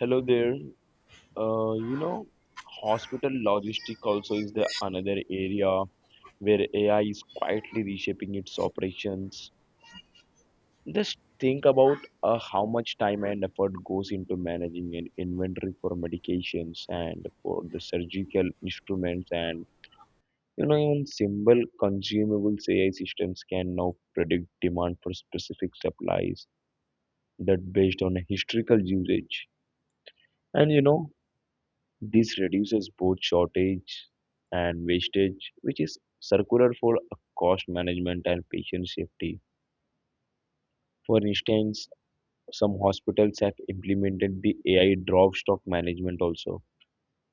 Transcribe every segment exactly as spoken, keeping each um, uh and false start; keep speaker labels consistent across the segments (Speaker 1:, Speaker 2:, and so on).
Speaker 1: Hello there. Uh, you know, hospital logistic also is the another area where A I is quietly reshaping its operations. Just think about uh, how much time and effort goes into managing an inventory for medications and for the surgical instruments and you know even simple consumables. A I systems can now predict demand for specific supplies that based on historical usage. And you know, This reduces both shortage and wastage, which is circular for cost management and patient safety. For instance, some hospitals have implemented the A I drop stock management also.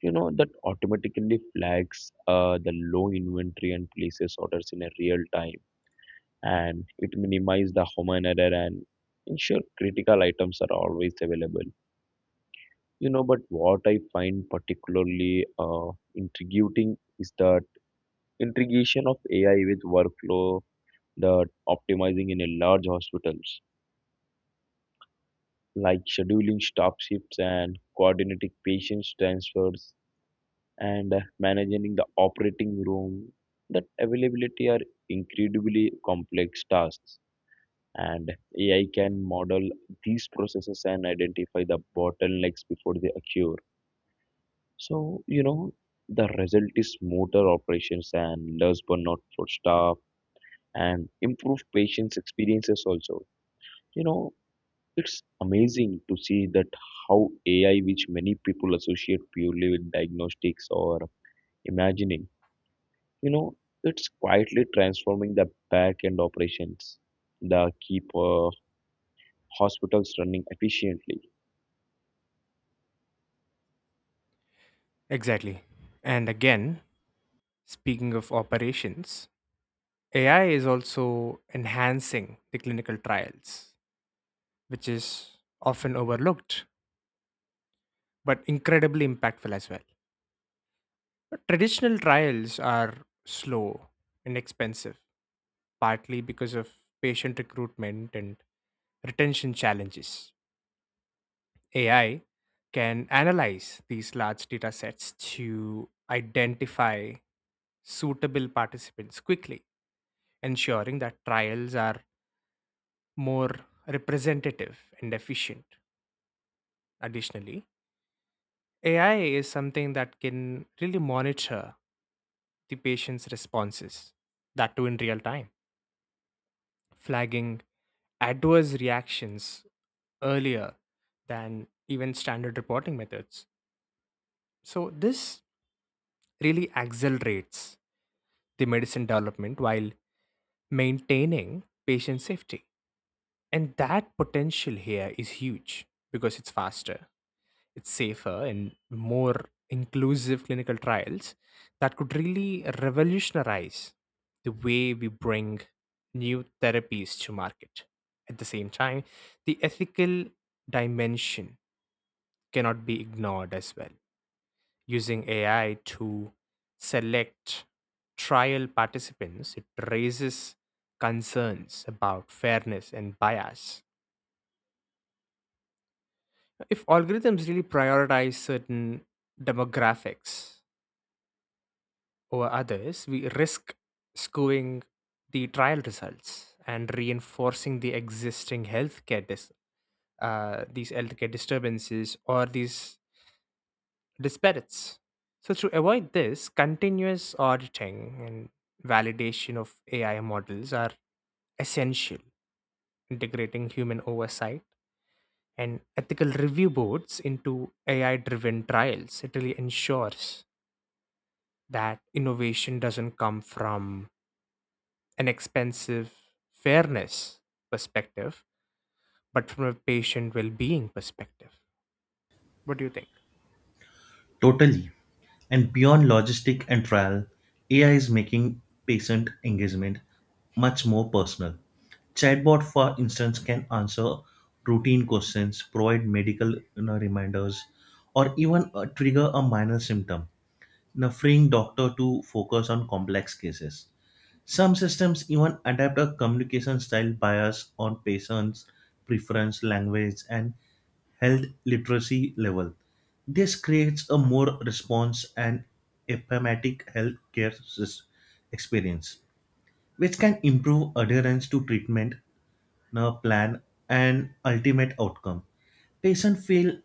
Speaker 1: You know, that automatically flags uh, the low inventory and places orders in a real time. And it minimizes the human error and ensure critical items are always available. You know, but what I find particularly uh, intriguing is the integration of A I with workflow that optimizing in a large hospitals, like scheduling staff shifts and coordinating patients transfers and uh, managing the operating room. That availability are incredibly complex tasks, and A I can model these processes and identify the bottlenecks before they occur. So you know the result is smoother operations and less burnout for staff and improve patients' experiences also. You know, it's amazing to see that how A I, which many people associate purely with diagnostics or imagining, you know, it's quietly transforming the back end operations that keep uh, hospitals running efficiently.
Speaker 2: Exactly. And again, speaking of operations, A I is also enhancing the clinical trials, which is often overlooked, but incredibly impactful as well. But traditional trials are slow and expensive, partly because of patient recruitment and retention challenges. A I can analyze these large data sets to identify suitable participants quickly, ensuring that trials are more representative and efficient. Additionally, A I is something that can really monitor the patient's responses, that too in real time, flagging adverse reactions earlier than even standard reporting methods. So, this really accelerates the medicine development while maintaining patient safety. And that potential here is huge because it's faster, it's safer, and more inclusive clinical trials that could really revolutionize the way we bring new therapies to market. At the same time, the ethical dimension cannot be ignored as well. Using A I to select trial participants, it raises concerns about fairness and bias. If algorithms really prioritize certain demographics over others, we risk skewing the trial results and reinforcing the existing healthcare dis- uh, these healthcare disturbances or these disparities. So to avoid this, continuous auditing and validation of A I models are essential. Integrating human oversight and ethical review boards into A I driven trials. It really ensures that innovation doesn't come from an expensive fairness perspective, but from a patient well being perspective. What do you think?
Speaker 3: Totally. And beyond logistic and trial, A I is making patient engagement much more personal. Chatbot, for instance, can answer routine questions, provide medical you know, reminders, or even uh, trigger a minor symptom, you know, freeing doctor to focus on complex cases. Some systems even adapt a communication style bias on patients' preference, language, and health literacy level. This creates a more response and empathetic healthcare sys- experience, which can improve adherence to treatment uh, plan and ultimate outcome. Patients feel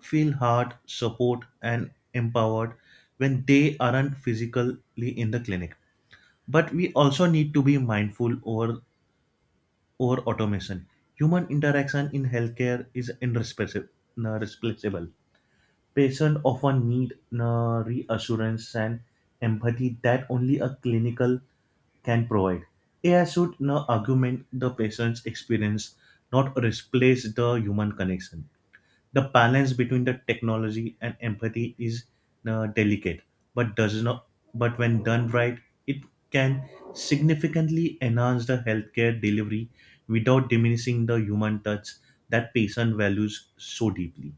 Speaker 3: feel heard, support, and empowered when they aren't physically in the clinic, but we also need to be mindful over over automation. Human interaction in healthcare is irreplaceable replaceable. Patients often need na, reassurance and empathy that only a clinical can provide. AI should na, augment the patient's experience, not replace the human connection. The balance between the technology and empathy is uh, delicate, but does not. But when done right, it can significantly enhance the healthcare delivery without diminishing the human touch that patient values so deeply.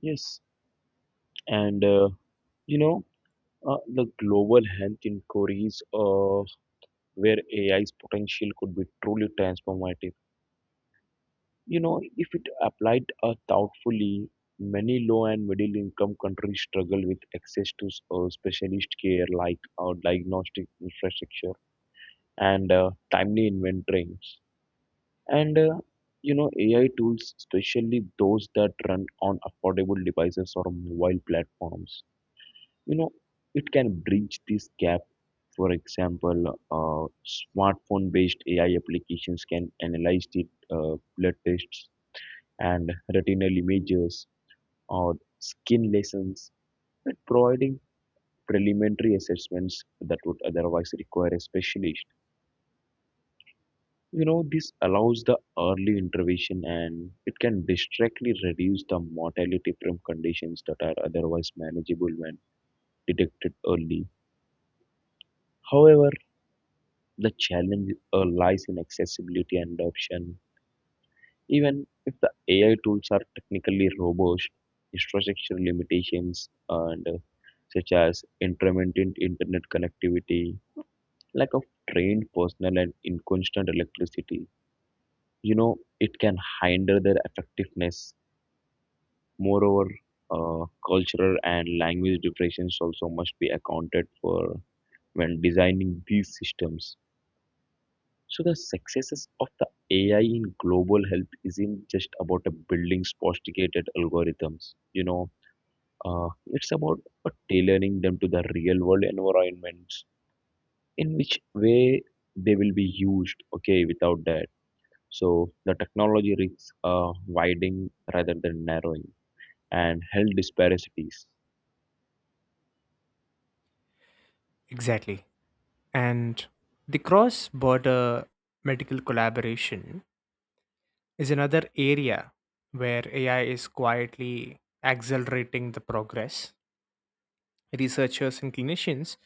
Speaker 1: Yes, and uh, you know, uh, the global health inquiries of where A I's potential could be truly transformative. You know, if it applied uh, thoughtfully, many low and middle income countries struggle with access to uh, specialist care like uh, diagnostic infrastructure and uh, timely inventories. And uh, you know, A I tools, especially those that run on affordable devices or mobile platforms, you know, it can bridge this gap. For example, uh, smartphone-based A I applications can analyze the uh, blood tests and retinal images or skin lesions and providing preliminary assessments that would otherwise require a specialist. You know, this allows the early intervention and it can directly reduce the mortality from conditions that are otherwise manageable when detected early. However, the challenge uh, lies in accessibility and adoption. Even if the A I tools are technically robust, infrastructure limitations and, uh, such as intermittent internet connectivity, lack of trained personnel and inconstant electricity, you know, it can hinder their effectiveness. Moreover, uh, cultural and language differences also must be accounted for when designing these systems. So the successes of the A I in global health isn't just about a building sophisticated algorithms. You know, uh, it's about uh, tailoring them to the real world environments in which way they will be used. Okay, without that, so the technology risks uh, widening rather than narrowing and health disparities.
Speaker 2: Exactly. And the cross border medical collaboration is another area where A I is quietly accelerating the progress. Researchers and clinicians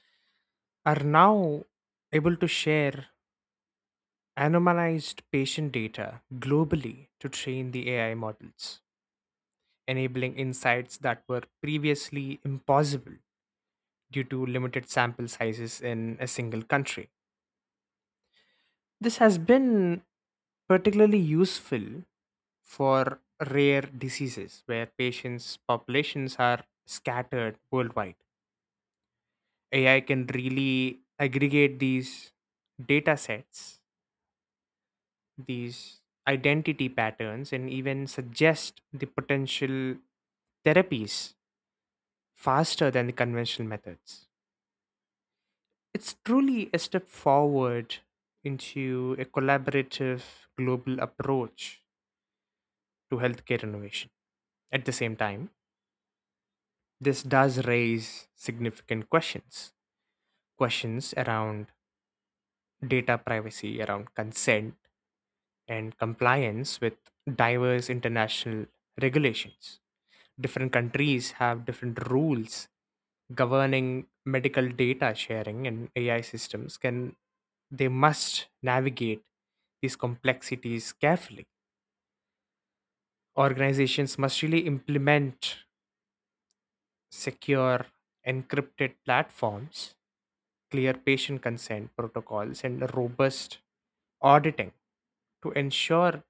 Speaker 2: are now able to share anonymized patient data globally to train the A I models, enabling insights that were previously impossible due to limited sample sizes in a single country. This has been particularly useful for rare diseases where patients' populations are scattered worldwide. A I can really aggregate these data sets, these identity patterns, and even suggest the potential therapies faster than the conventional methods. It's truly a step forward into a collaborative global approach to healthcare innovation. At the same time, this does raise significant questions, questions around data privacy, around consent, and compliance with diverse international regulations. Different countries have different rules governing medical data sharing, and A I systems can, they must navigate these complexities carefully. Organizations must really implement secure encrypted platforms, clear patient consent protocols, and robust auditing to ensure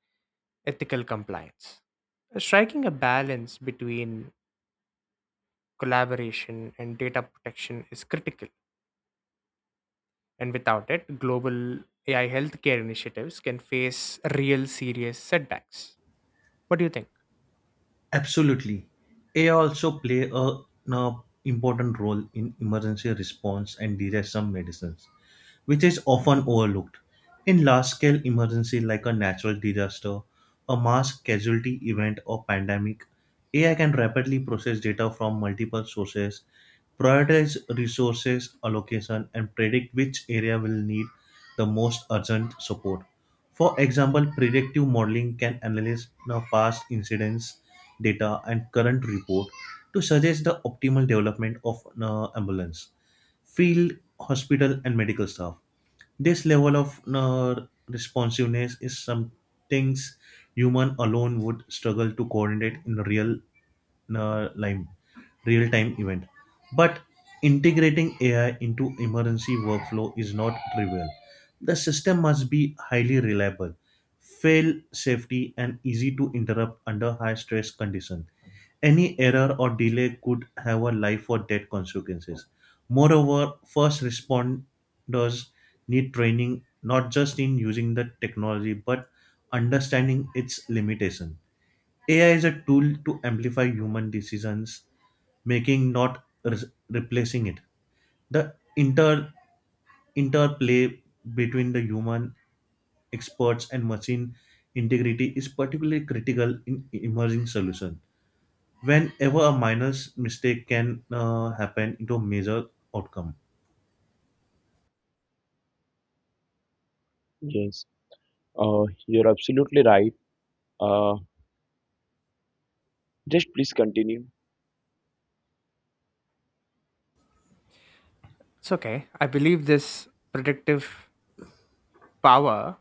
Speaker 2: ethical compliance. Striking a balance between collaboration and data protection is critical. And without it, global A I healthcare initiatives can face real serious setbacks. What do you think?
Speaker 3: Absolutely. A I also play a, an important role in emergency response and detection medicines, which is often overlooked. In large-scale emergency like a natural disaster, a mass casualty event or pandemic, A I can rapidly process data from multiple sources, prioritize resources allocation, and predict which area will need the most urgent support. For example, predictive modeling can analyze the past incidents data and current report to suggest the optimal development of an ambulance, field, hospital, and medical staff. This level of uh, responsiveness is some things human alone would struggle to coordinate in real uh, time, real time event. But integrating A I into emergency workflow is not trivial. The system must be highly reliable, fail safety, and easy to interrupt under high stress conditions. Any error or delay could have a life or death consequences. Moreover, first responders need training not just in using the technology but understanding its limitation. A I is a tool to amplify human decisions making, not re- replacing it. The inter interplay between the human experts and machine integrity is particularly critical in emerging solutions whenever a minor s- mistake can uh, happen into a major outcome.
Speaker 1: Yes, uh, you're absolutely right. Uh, just please continue.
Speaker 2: It's okay. I believe this predictive power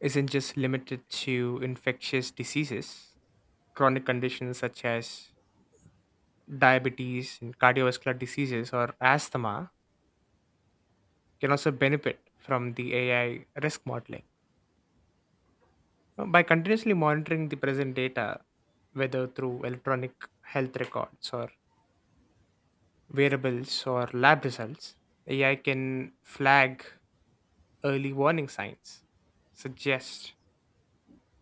Speaker 2: isn't just limited to infectious diseases, chronic conditions such as diabetes and cardiovascular diseases or asthma can also benefit from the A I risk modeling. Now, by continuously monitoring the present data, whether through electronic health records or variables or lab results, A I can flag early warning signs, suggest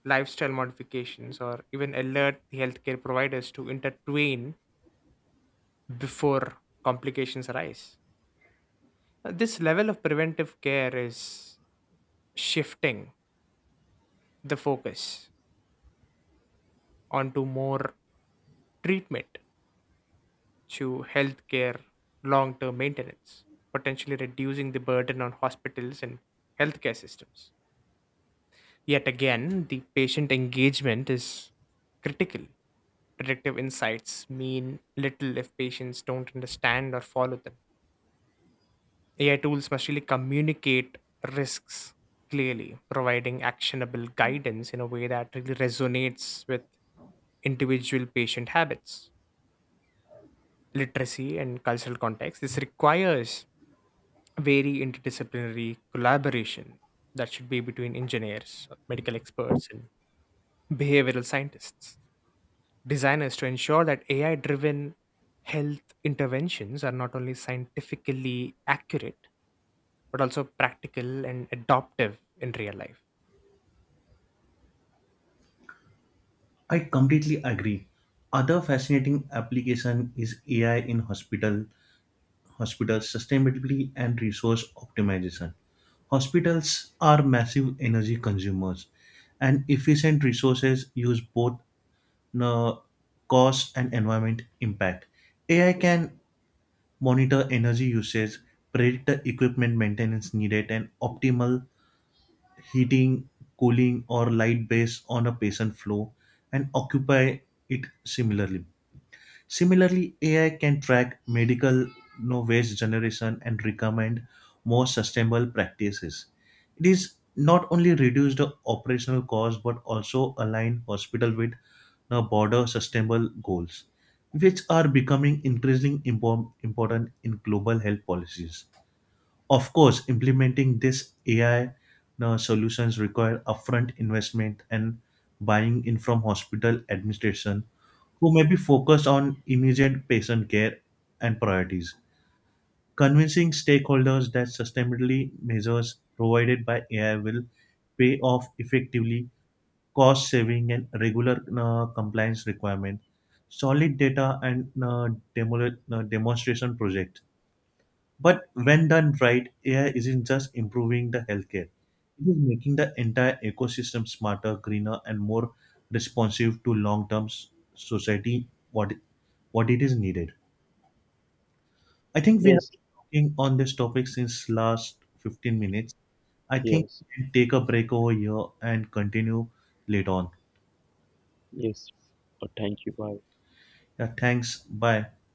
Speaker 2: lifestyle modifications, or even alert the healthcare providers to intervene before complications arise. Uh, This level of preventive care is shifting the focus onto more treatment to healthcare long term maintenance, potentially reducing the burden on hospitals and healthcare systems. Yet again, the patient engagement is critical. Predictive insights mean little if patients don't understand or follow them. A I tools must really communicate risks clearly, providing actionable guidance in a way that really resonates with individual patient habits, literacy, and cultural context. This requires very interdisciplinary collaboration that should be between engineers, medical experts, and behavioral scientists. Designers to ensure that A I driven health interventions are not only scientifically accurate, but also practical and adoptive in real life.
Speaker 3: I completely agree. Other fascinating application is A I in hospital hospital sustainability and resource optimization. Hospitals are massive energy consumers, and efficient resources use both uh, cost and environment impact. A I can monitor energy usage, predict the equipment maintenance needed, and optimal heating, cooling, or light based on a patient flow and occupy it similarly. Similarly, A I can track medical no waste generation and recommend more sustainable practices. It is not only reduce the operational cost but also align hospital with the broader sustainable goals, which are becoming increasingly impor- important in global health policies. Of course, implementing this A I uh, solutions require upfront investment and buying in from hospital administration, who may be focused on immediate patient care and priorities. Convincing stakeholders that sustainability measures provided by A I will pay off effectively, cost saving and regular uh, compliance requirement, solid data and uh, demo- uh, demonstration project, but when done right, A I isn't just improving the healthcare, it is making the entire ecosystem smarter, greener, and more responsive to long term society what, what it is needed. I think we have
Speaker 1: Yes,
Speaker 3: been talking on this topic since last fifteen minutes. I think
Speaker 1: yes,
Speaker 3: we can take a break over here and continue later on.
Speaker 1: yes. Uh, thank you. Bye.
Speaker 3: Yeah, thanks. Bye.